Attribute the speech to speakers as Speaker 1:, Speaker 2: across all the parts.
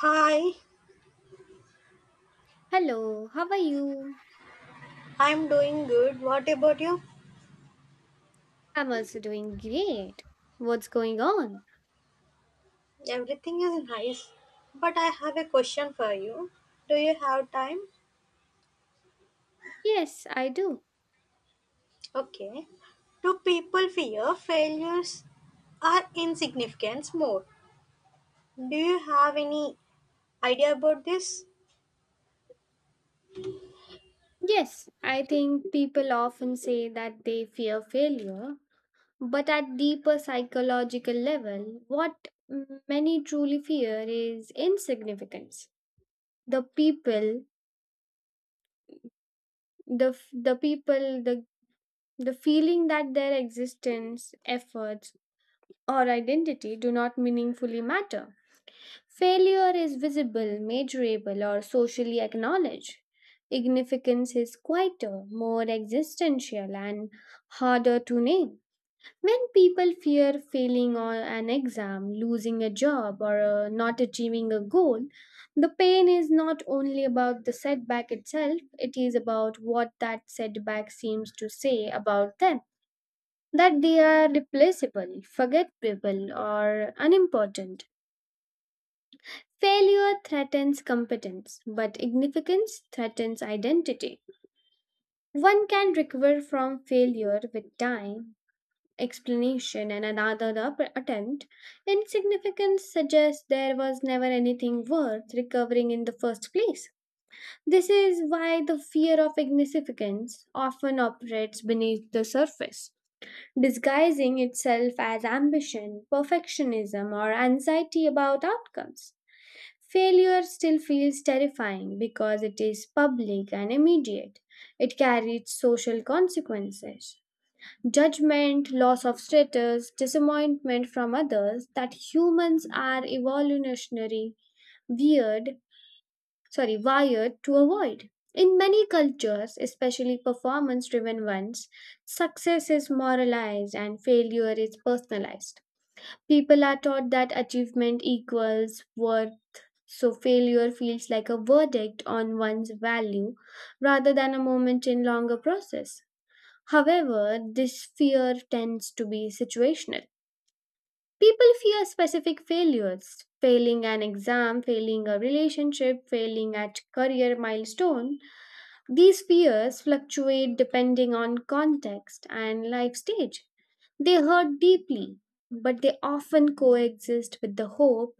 Speaker 1: Hi,
Speaker 2: Hello, how are you?
Speaker 1: I'm doing good. What about you?
Speaker 2: I'm also doing great. What's going on?
Speaker 1: Everything is nice, but I have a question for you. Do you have time?
Speaker 2: Yes, I do.
Speaker 1: Okay. Do people fear failures are insignificance more? Do you have any idea about this?
Speaker 2: Yes, I think people often say that they fear failure, but at deeper psychological level, many truly fear is insignificance. The people, the f- the people, the feeling that their existence, efforts, or identity do not meaningfully matter. Failure is visible, measurable, or socially acknowledged. Ignificance is quieter, more existential, and harder to name. When people fear failing on an exam, losing a job, or not achieving a goal, the pain is not only about the setback itself, it is about what that setback seems to say about them that they are replaceable, forgettable, or unimportant. Failure threatens competence, but significance threatens identity. One can recover from failure with time, explanation, and attempt. Insignificance suggests there was never anything worth recovering in the first place. This is why the fear of insignificance often operates beneath the surface, disguising itself as ambition, perfectionism, or anxiety about outcomes. Failure still feels terrifying because it is public and immediate. It carries social consequences. Judgment, loss of status, disappointment from others that humans are weird, wired to avoid. In many cultures, especially performance driven ones, success is moralized and failure is personalized. People are taught that achievement equals worth, so failure feels like a verdict on one's value rather than a moment in longer process. However, this fear tends to be situational. People fear specific failures, failing an exam, failing a relationship, failing at career milestone. These fears fluctuate depending on context and life stage. They hurt deeply, but they often coexist with the hope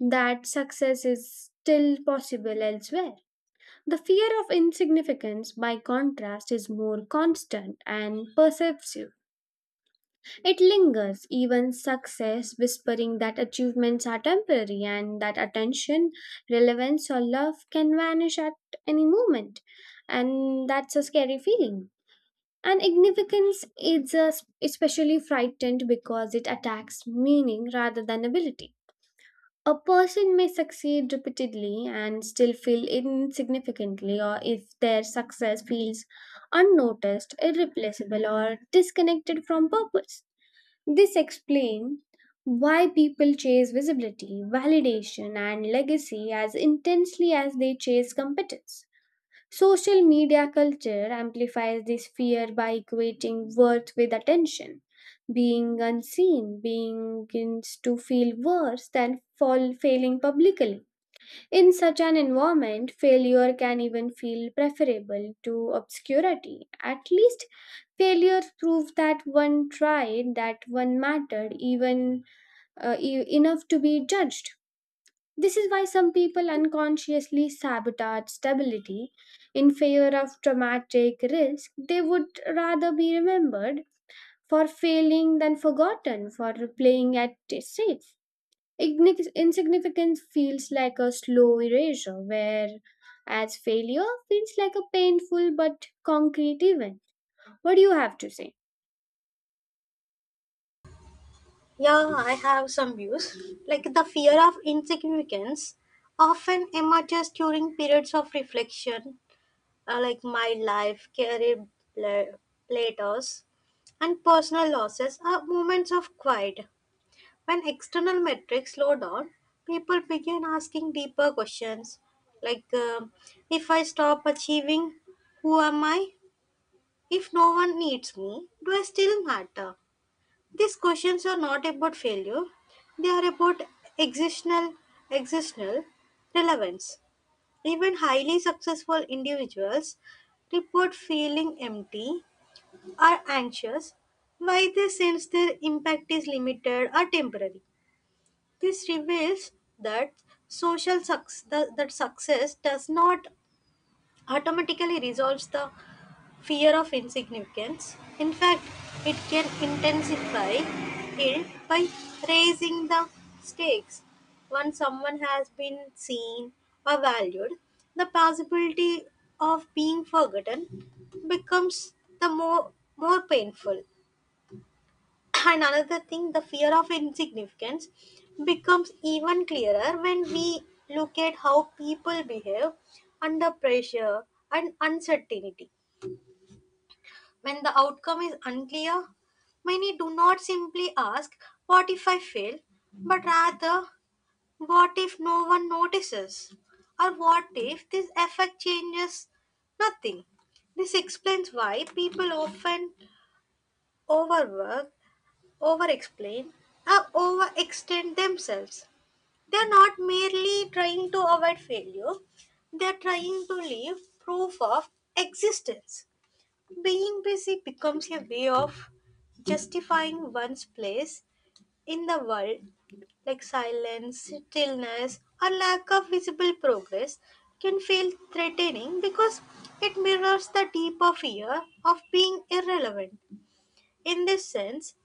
Speaker 2: that success is still possible elsewhere. The fear of insignificance, by contrast, is more constant and pervasive. It lingers, even success whispering that achievements are temporary and that attention, relevance, or love can vanish at any moment. And that's a scary feeling. And ignificance is especially frightened because it attacks meaning rather than ability. A person may succeed repeatedly and still feel insignificantly, or if their success feels unnoticed, irreplaceable, or disconnected from purpose. This explains why people chase visibility, validation, and legacy as intensely as they chase competence. Social media culture amplifies this fear by equating worth with attention. Being unseen being to feel worse than fall, failing publicly. In such an environment, failure can even feel preferable to obscurity. At least, failure proves that one tried, that one mattered, even enough to be judged. This is why some people unconsciously sabotage stability in favor of dramatic risk. They would rather be remembered for failing than forgotten for playing at it safe. Insignificance feels like a slow erasure, whereas failure feels like a painful but concrete event. What do you have to say?
Speaker 1: Yeah, I have some views. Like, the fear of insignificance often emerges during periods of reflection, like my life, career pla- plateaus, and personal losses are moments of quiet. When external metrics slow down, people begin asking deeper questions like, if I stop achieving, who am I? If no one needs me, do I still matter? These questions are not about failure, they are about existential, existential relevance. Even highly successful individuals report feeling empty or anxious, why they sense their impact is limited or temporary. This reveals that social success that success does not automatically resolves the fear of insignificance. In fact, it can intensify it by raising the stakes. Once someone has been seen or valued, the possibility of being forgotten becomes the more more painful. And another thing, the fear of insignificance becomes even clearer when we look at how people behave under pressure and uncertainty. When the outcome is unclear, many do not simply ask, "What if I fail?" but rather, "What if no one notices?" Or, "What if this effect changes nothing?" This explains why people often overwork, overexplain, or overextend themselves. They are not merely trying to avoid failure, they are trying to leave proof of existence. Being busy becomes a way of justifying one's place in the world, like silence, stillness, or lack of visible progress can feel threatening because it mirrors the deeper fear of being irrelevant. In this sense,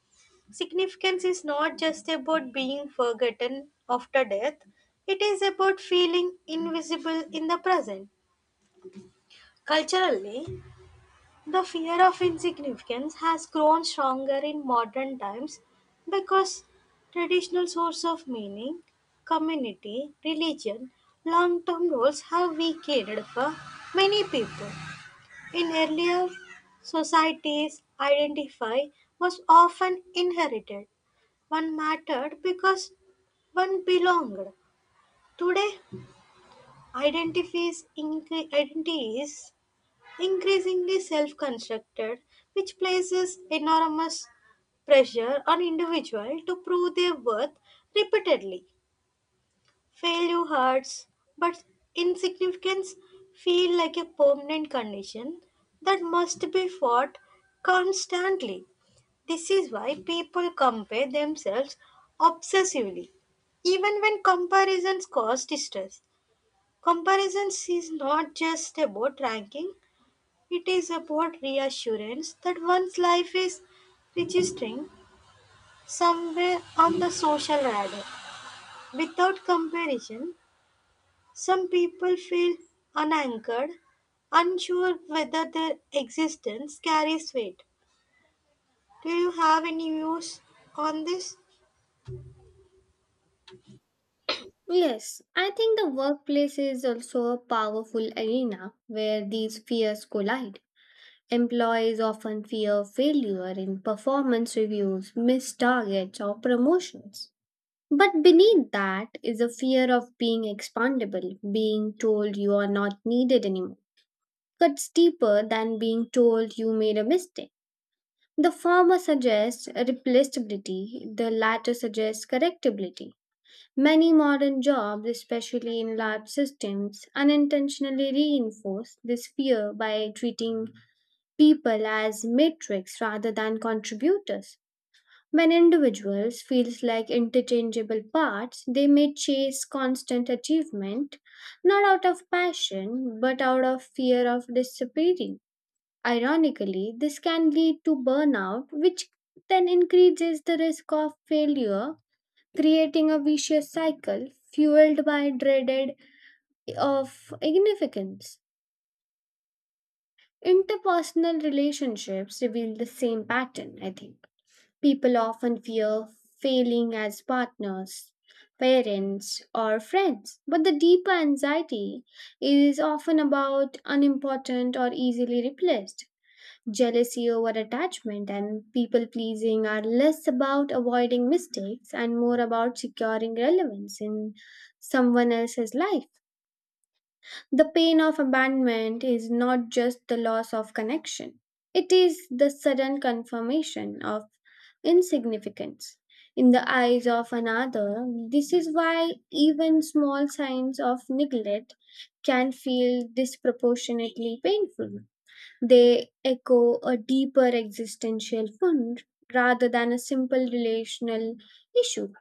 Speaker 1: significance is not just about being forgotten after death, it is about feeling invisible in the present. Culturally, the fear of insignificance has grown stronger in modern times because traditional sources of meaning, community, religion, long term roles have weakened for many people. In earlier societies, identify was often inherited. One mattered because one belonged. Today, identities increasingly self constructed, which places enormous pressure on individuals to prove their worth repeatedly. Failure hurts, but insignificance feels like a permanent condition that must be fought constantly. This is why people compare themselves obsessively. Even when comparisons cause distress, comparisons is not just about ranking, it is about reassurance that one's life is registering somewhere on the social radar. Without comparison, some people feel unanchored, unsure whether their existence carries weight. Do you have any views on this?
Speaker 2: Yes, I think the workplace is also a powerful arena where these fears collide. Employees often fear failure in performance reviews, missed targets, or promotions. But beneath that is a fear of being expandable, being told you are not needed anymore. Cuts deeper than being told you made a mistake. The former suggests replaceability, the latter suggests correctability. Many modern jobs, especially in large systems, unintentionally reinforce this fear by treating people as matrix rather than contributors. When individuals feel like interchangeable parts, they may chase constant achievement, not out of passion, but out of fear of disappearing. Ironically, this can lead to burnout, which then increases the risk of failure, creating a vicious cycle fueled by dreaded of ignificance. Interpersonal relationships reveal the same pattern, I think. People often fear failing as partners, parents, or friends, but the deeper anxiety is often about unimportant or easily replaced. Jealousy over attachment and people pleasing are less about avoiding mistakes and more about securing relevance in someone else's life. The pain of abandonment is not just the loss of connection, it is the sudden confirmation of insignificance in the eyes of another. This is why even small signs of neglect can feel disproportionately painful. They echo a deeper existential wound rather than a simple relational issue.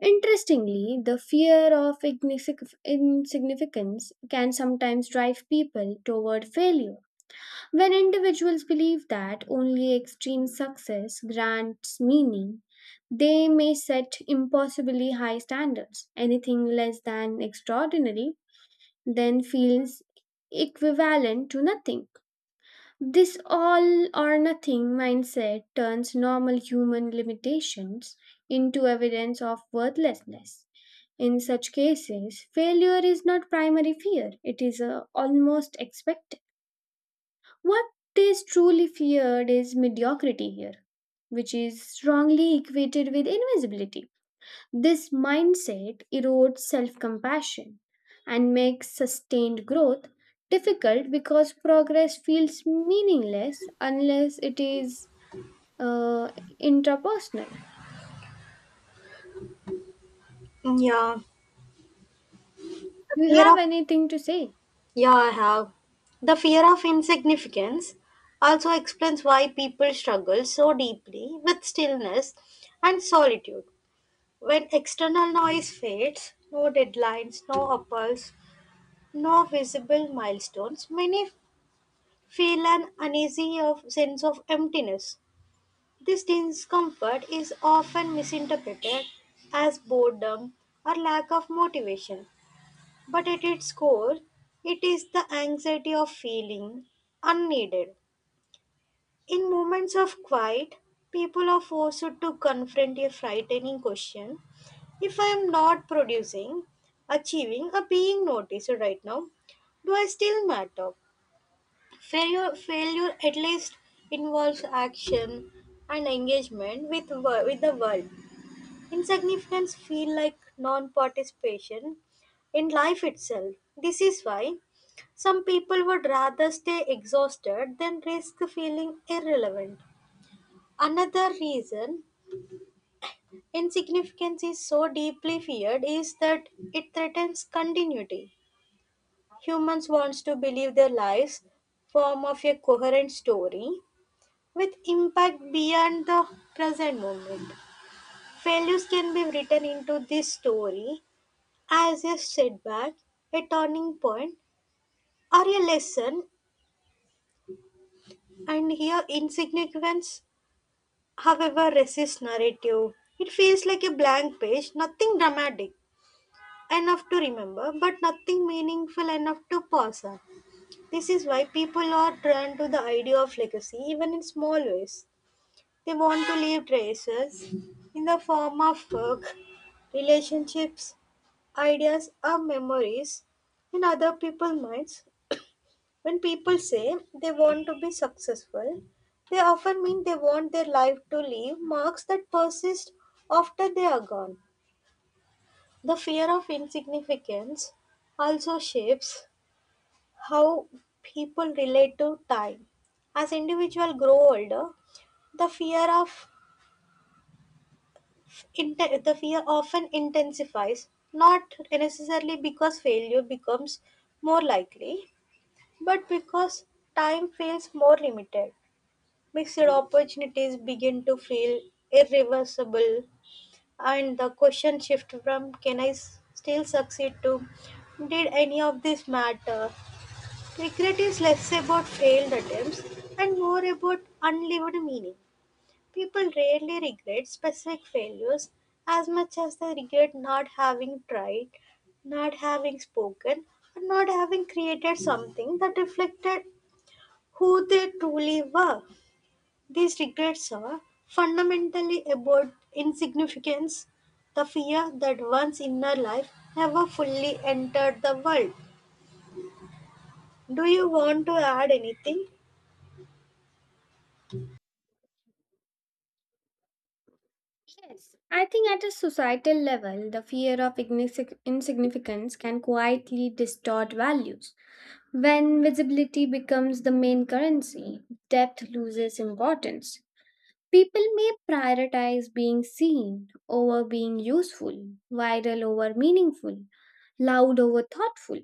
Speaker 2: Interestingly, the fear of insignificance can sometimes drive people toward failure. When individuals believe that only extreme success grants meaning, they may set impossibly high standards. Anything less than extraordinary then feels equivalent to nothing. This all or nothing mindset turns normal human limitations into evidence of worthlessness. In such cases, failure is not primary fear, it is almost expected. What is truly feared is mediocrity here, which is strongly equated with invisibility. This mindset erodes self compassion and makes sustained growth difficult because progress feels meaningless unless it is uh, intrapersonal.
Speaker 1: Yeah,
Speaker 2: Do you
Speaker 1: fear of
Speaker 2: have anything to say?
Speaker 1: yeah, I have. The fear of insignificance also explains why people struggle so deeply with stillness and solitude. When external noise fades, no deadlines, no apples, no visible milestones, many feel an uneasy of sense of emptiness. This discomfort is often misinterpreted as boredom or lack of motivation, but at its core, it is the anxiety of feeling unneeded. In moments of quiet, people are forced to confront a frightening question: if I am not producing, achieving, or being noticed right now, do I still matter? Failure at least involves action and engagement with the world. Insignificance feel like non-participation in life itself. This is why some people would rather stay exhausted than risk feeling irrelevant. Another reason insignificance is so deeply feared is that it threatens continuity. Humans wants to believe their lives form of a coherent story with impact beyond the present moment. Failures can be written into this story as a setback, a turning point, or a lesson, and here insignificance, however, resists narrative. It feels like a blank page, nothing dramatic enough to remember, but nothing meaningful enough to pass on. This is why people are drawn to the idea of legacy, even in small ways. They want to leave traces in the form of work, relationships, ideas, or memories in other people's minds. When people say they want to be successful, they often mean they want their life to leave marks that persist after they are gone. The fear of insignificance also shapes how people relate to time. As individuals grow older, the fear of the fear often intensifies, not necessarily because failure becomes more likely, but because time feels more limited. Mixed opportunities begin to feel irreversible, and the question shift from "Can still succeed?" to "Did any of this matter?" Regret is less about failed attempts and more about unlived meaning. People rarely regret specific failures as much as they regret not having tried, not having spoken, and not having created something that reflected who they truly were. These regrets are fundamentally about insignificance, the fear that one's inner life never fully entered the world. Do you want to add anything?
Speaker 2: Yes, I think at a societal level, the fear of insignificance can quietly distort values. When visibility becomes the main currency, depth loses importance. People may prioritize being seen over being useful, viral over meaningful, loud over thoughtful.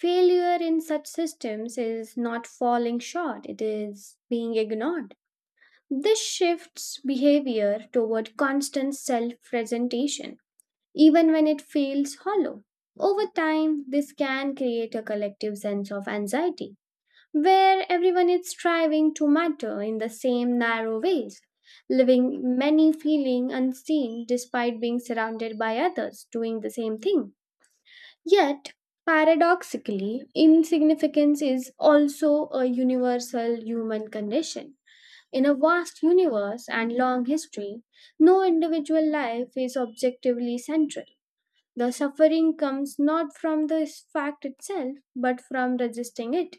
Speaker 2: Failure in such systems is not falling short, it is being ignored. This shifts behavior toward constant self presentation, even when it feels hollow. Over time, this can create a collective sense of anxiety where everyone is striving to matter in the same narrow ways, living many feeling unseen despite being surrounded by others doing the same thing. Yet, paradoxically, insignificance is also a universal human condition. In a vast universe and long history, no individual life is objectively central. The suffering comes not from the fact itself, but from resisting it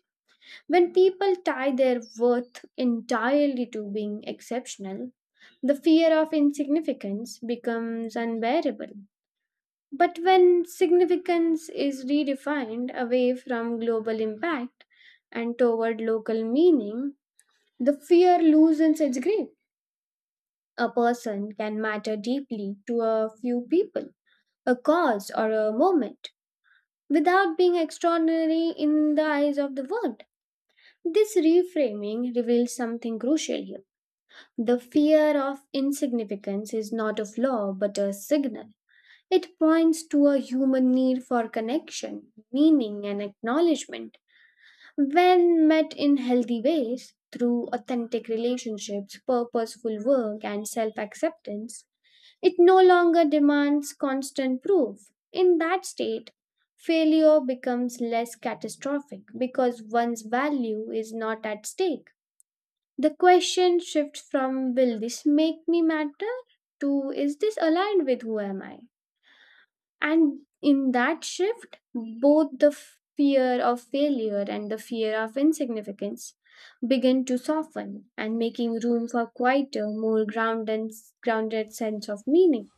Speaker 2: when people tie their worth entirely to being exceptional, the fear of insignificance becomes unbearable. But when significance is redefined away from global impact and toward local meaning, the fear loosens its grip. A person can matter deeply to a few people, a cause, or a moment without being extraordinary in the eyes of the world. This reframing reveals something crucial here. The fear of insignificance is not a flaw but a signal. It points to a human need for connection, meaning, and acknowledgement. When met in healthy ways, through authentic relationships, purposeful work, and self acceptance, it no longer demands constant proof. In that state, failure becomes less catastrophic because one's value is not at stake. The question shifts from will this make me matter to is this aligned with who am I? And in that shift, both the fear of failure and the fear of insignificance begin to soften and making room for quieter, more grounded, sense of meaning.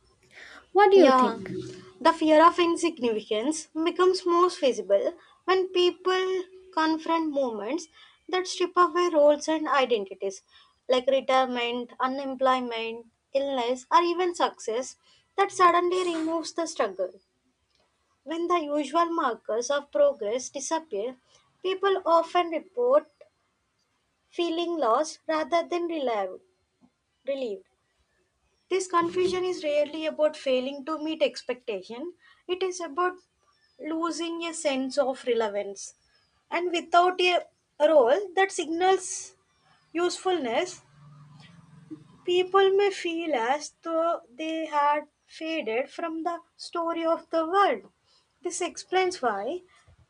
Speaker 2: What do you
Speaker 1: Yeah,
Speaker 2: think?
Speaker 1: the fear of insignificance becomes most visible when people confront moments that strip away roles and identities, like retirement, unemployment, illness, or even success, that suddenly removes the struggle. When the usual markers of progress disappear, people often report feeling lost rather than relieved. This confusion is rarely about failing to meet expectation. It is about losing a sense of relevance. And without a role that signals usefulness, people may feel as though they had faded from the story of the world. This explains why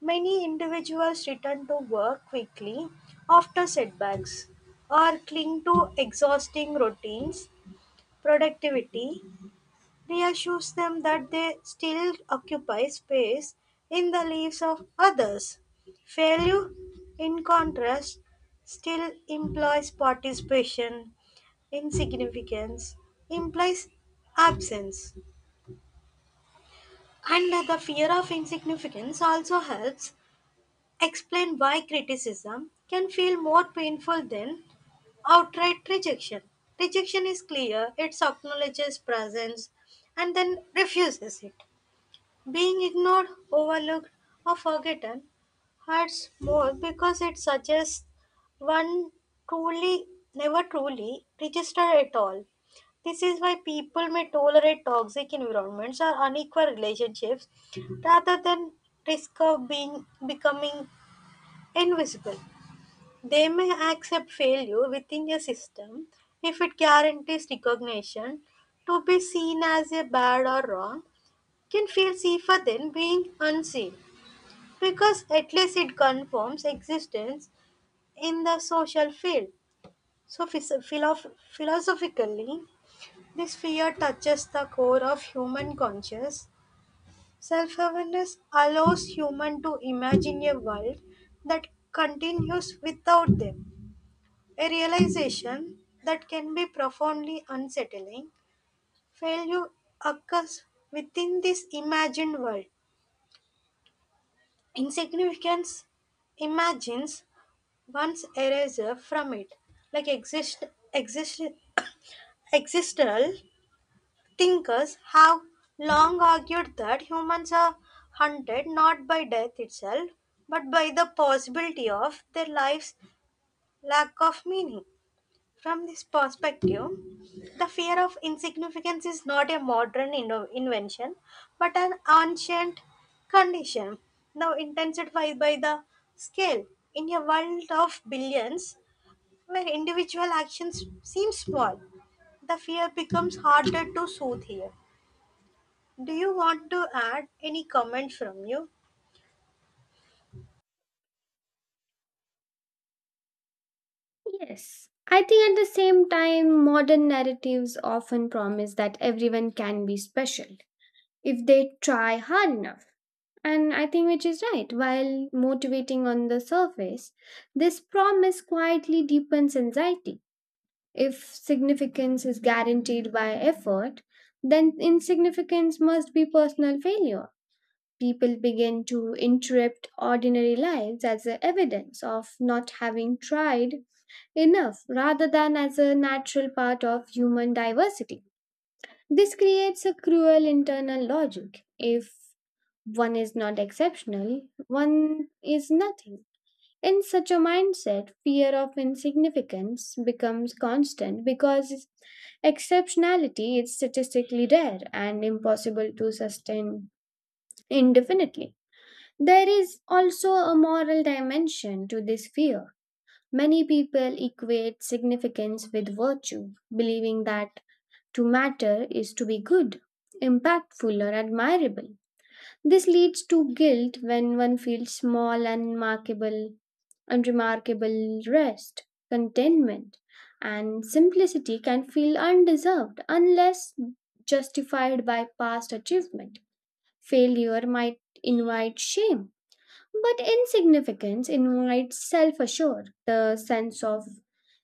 Speaker 1: many individuals return to work quickly after setbacks or cling to exhausting routines. Productivity reassures them that they still occupy space in the lives of others. Failure, in contrast, still implies participation, insignificance implies absence. And the fear of insignificance also helps explain why criticism can feel more painful than outright rejection. Rejection is clear, it acknowledges presence and then refuses it. Being ignored, overlooked, or forgotten hurts more because it suggests one truly never truly registered at all. This is why people may tolerate toxic environments or unequal relationships rather than risk of being becoming invisible. They may accept failure within a system if it guarantees recognition. To be seen as a bad or wrong can feel safer than being unseen because at least it confirms existence in the social field. So, philosophically, this fear touches the core of human conscious. Self awareness allows human to imagine a world that continues without them, a realization that can be profoundly unsettling. Failure occurs within this imagined world. Insignificance imagines one's erasure from it. Like exist, existential thinkers have long argued that humans are hunted not by death itself, but by the possibility of their lives' lack of meaning. From this perspective, the fear of insignificance is not a modern invention, but an ancient condition, now intensified by the scale. In a world of billions, where individual actions seem small, the fear becomes harder to soothe here. Do you want to add any comment from you?
Speaker 2: Yes. I think at the same time, modern narratives often promise that everyone can be special if they try hard enough. And I think which is right. While motivating on the surface, this promise quietly deepens anxiety. If significance is guaranteed by effort, then insignificance must be personal failure. People begin to interpret ordinary lives as a evidence of not having tried enough rather than as a natural part of human diversity. This creates a cruel internal logic. If one is not exceptional, one is nothing. In such a mindset, fear of insignificance becomes constant because exceptionality is statistically rare and impossible to sustain indefinitely. There is also a moral dimension to this fear. Many people equate significance with virtue, believing that to matter is to be good, impactful, or admirable. This leads to guilt when one feels unremarkable rest, contentment, and simplicity can feel undeserved unless justified by past achievement. Failure might invite shame, but insignificance invites self assured, the sense of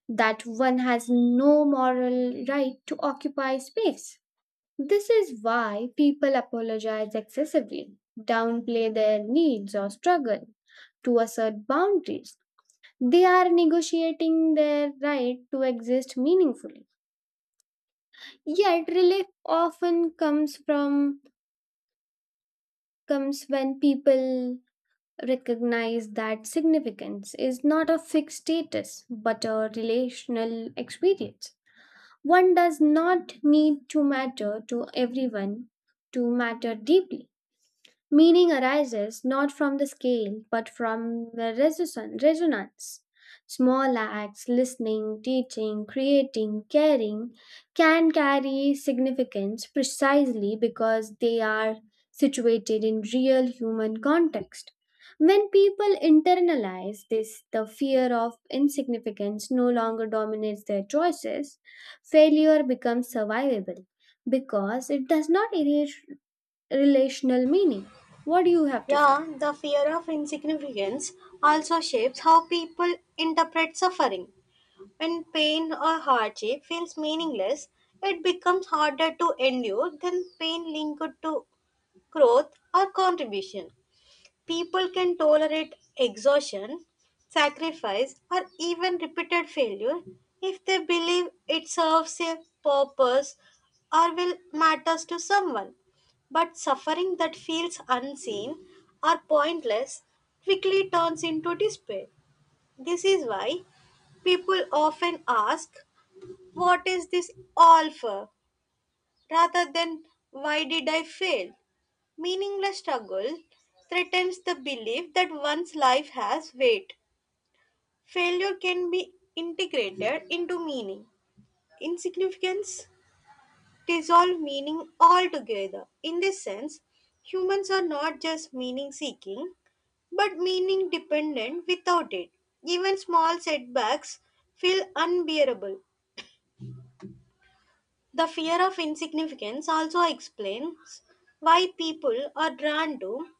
Speaker 2: that one has no moral right to occupy space. This is why people apologize excessively, downplay their needs or struggle to assert boundaries. They are negotiating their right to exist meaningfully. Yet relief often comes when people recognize that significance is not a fixed status but a relational experience. One does not need to matter to everyone to matter deeply. Meaning arises not from the scale but from the resonance. Small acts, listening, teaching, creating, caring, can carry significance precisely because they are situated in real human context. When people internalize this, the fear of insignificance no longer dominates their choices, failure becomes survivable because it does not erase relational meaning. What do you have to say?
Speaker 1: Yeah, the fear of insignificance also shapes how people interpret suffering. When pain or hardship feels meaningless, it becomes harder to endure than pain linked to growth or contribution. People can tolerate exhaustion, sacrifice, or even repeated failure if they believe it serves a purpose or will matters to someone. But suffering that feels unseen or pointless quickly turns into despair. This is why people often ask, "What is this all for?" rather than, "Why did I fail?" Meaningless struggle threatens the belief that one's life has weight. Failure can be integrated into meaning, insignificance, dissolve meaning altogether. In this sense, humans are not just meaning seeking, but meaning dependent without it. Even small setbacks feel unbearable. The fear of insignificance also explains why people are drawn to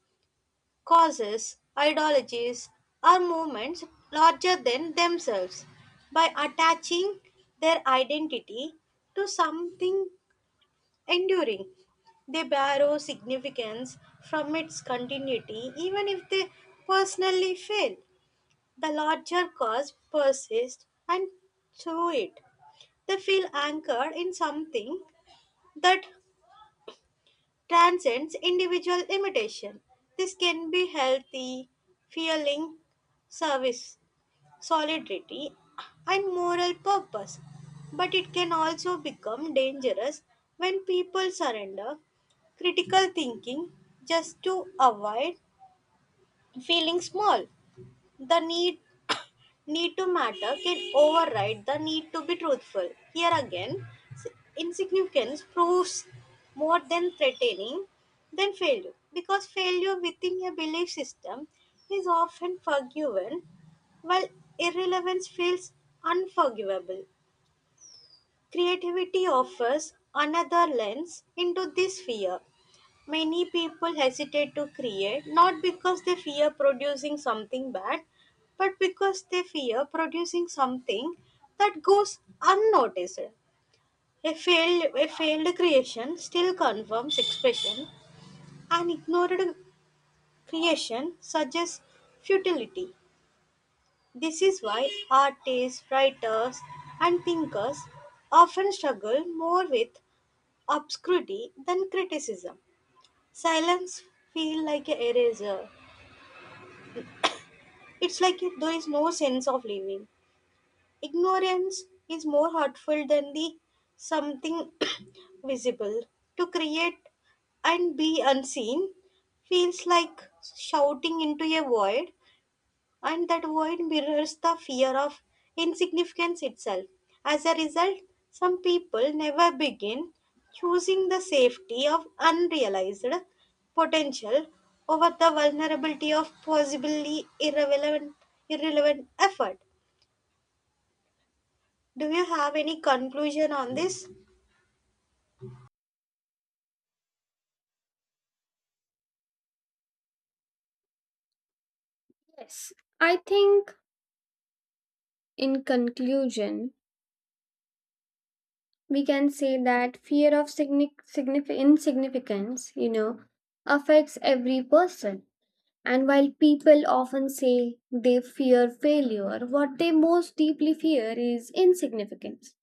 Speaker 1: causes, ideologies, or movements larger than themselves. By attaching their identity to something enduring, they borrow significance from its continuity even if they personally fail. The larger cause persists and through it they feel anchored in something that transcends individual limitation. This can be healthy, feeling service solidarity, and moral purpose. But it can also become dangerous when people surrender critical thinking just to avoid feeling small. The need Need to matter can override the need to be truthful. Here again, s- insignificance proves more than threatening than failure because failure within a belief system is often forgiven while irrelevance feels unforgivable. Creativity offers another lens into this fear. Many people hesitate to create not because they fear producing something bad, but because they fear producing something that goes unnoticed. A failed creation still confirms expression, an ignored creation suggests futility. This is why artists, writers, and thinkers often struggle more with obscurity than criticism. Silence feels like an eraser. It's like if there is no sense of living. Ignorance is more hurtful than the something visible. To create and be unseen feels like shouting into a void, and that void mirrors the fear of insignificance itself. As a result, some people never begin, choosing the safety of unrealized potential over the vulnerability of possibly irrelevant effort. Do you have any conclusion on this?
Speaker 2: Yes. I think, in conclusion, we can say that fear of insignificance, you know, affects every person. And while people often say they fear failure, what they most deeply fear is insignificance.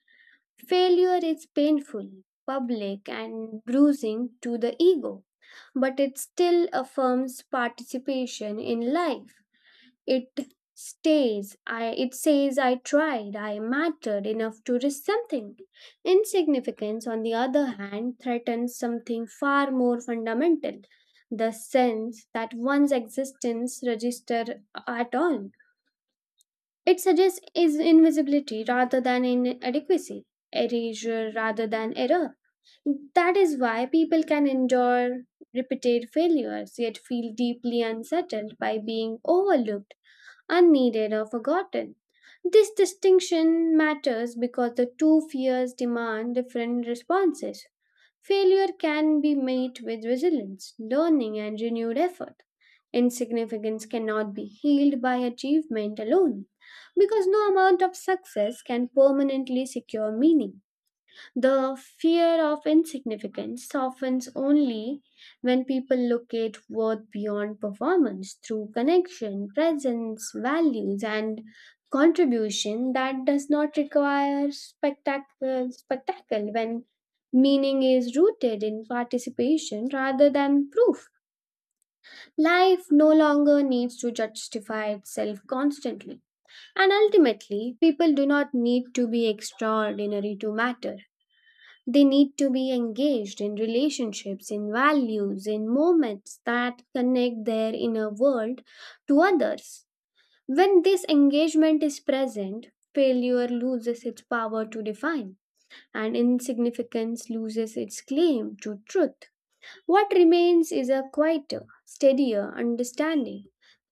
Speaker 2: Failure is painful, public, and bruising to the ego, but it still affirms participation in life. It it says I tried, I mattered enough to risk something. Insignificance, on the other hand, threatens something far more fundamental, the sense that one's existence register at all. It suggests is invisibility rather than inadequacy, erasure rather than error. That is why people can endure repeated failures yet feel deeply unsettled by being overlooked unneeded or forgotten. This distinction matters because the two fears demand different responses. Failure can be met with resilience, learning, and renewed effort. Insignificance cannot be healed by achievement alone because no amount of success can permanently secure meaning. The fear of insignificance softens only when people locate worth beyond performance through connection, presence, values, and contribution that does not require spectacle when meaning is rooted in participation rather than proof. Life no longer needs to justify itself constantly, and ultimately, people do not need to be extraordinary to matter. They need to be engaged in relationships, in values, in moments that connect their inner world to others. When this engagement is present, failure loses its power to define, and insignificance loses its claim to truth. What remains is a quieter, steadier understanding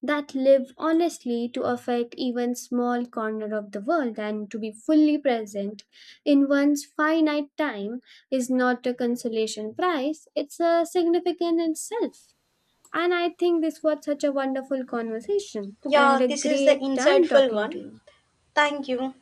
Speaker 2: that live honestly to affect even small corner of the world and to be fully present in one's finite time is not a consolation prize, it's a significant itself. And I think this was such a wonderful conversation. I
Speaker 1: Yeah,
Speaker 2: had a
Speaker 1: this is the
Speaker 2: great time
Speaker 1: insightful
Speaker 2: talking to
Speaker 1: one.
Speaker 2: you.
Speaker 1: Thank you.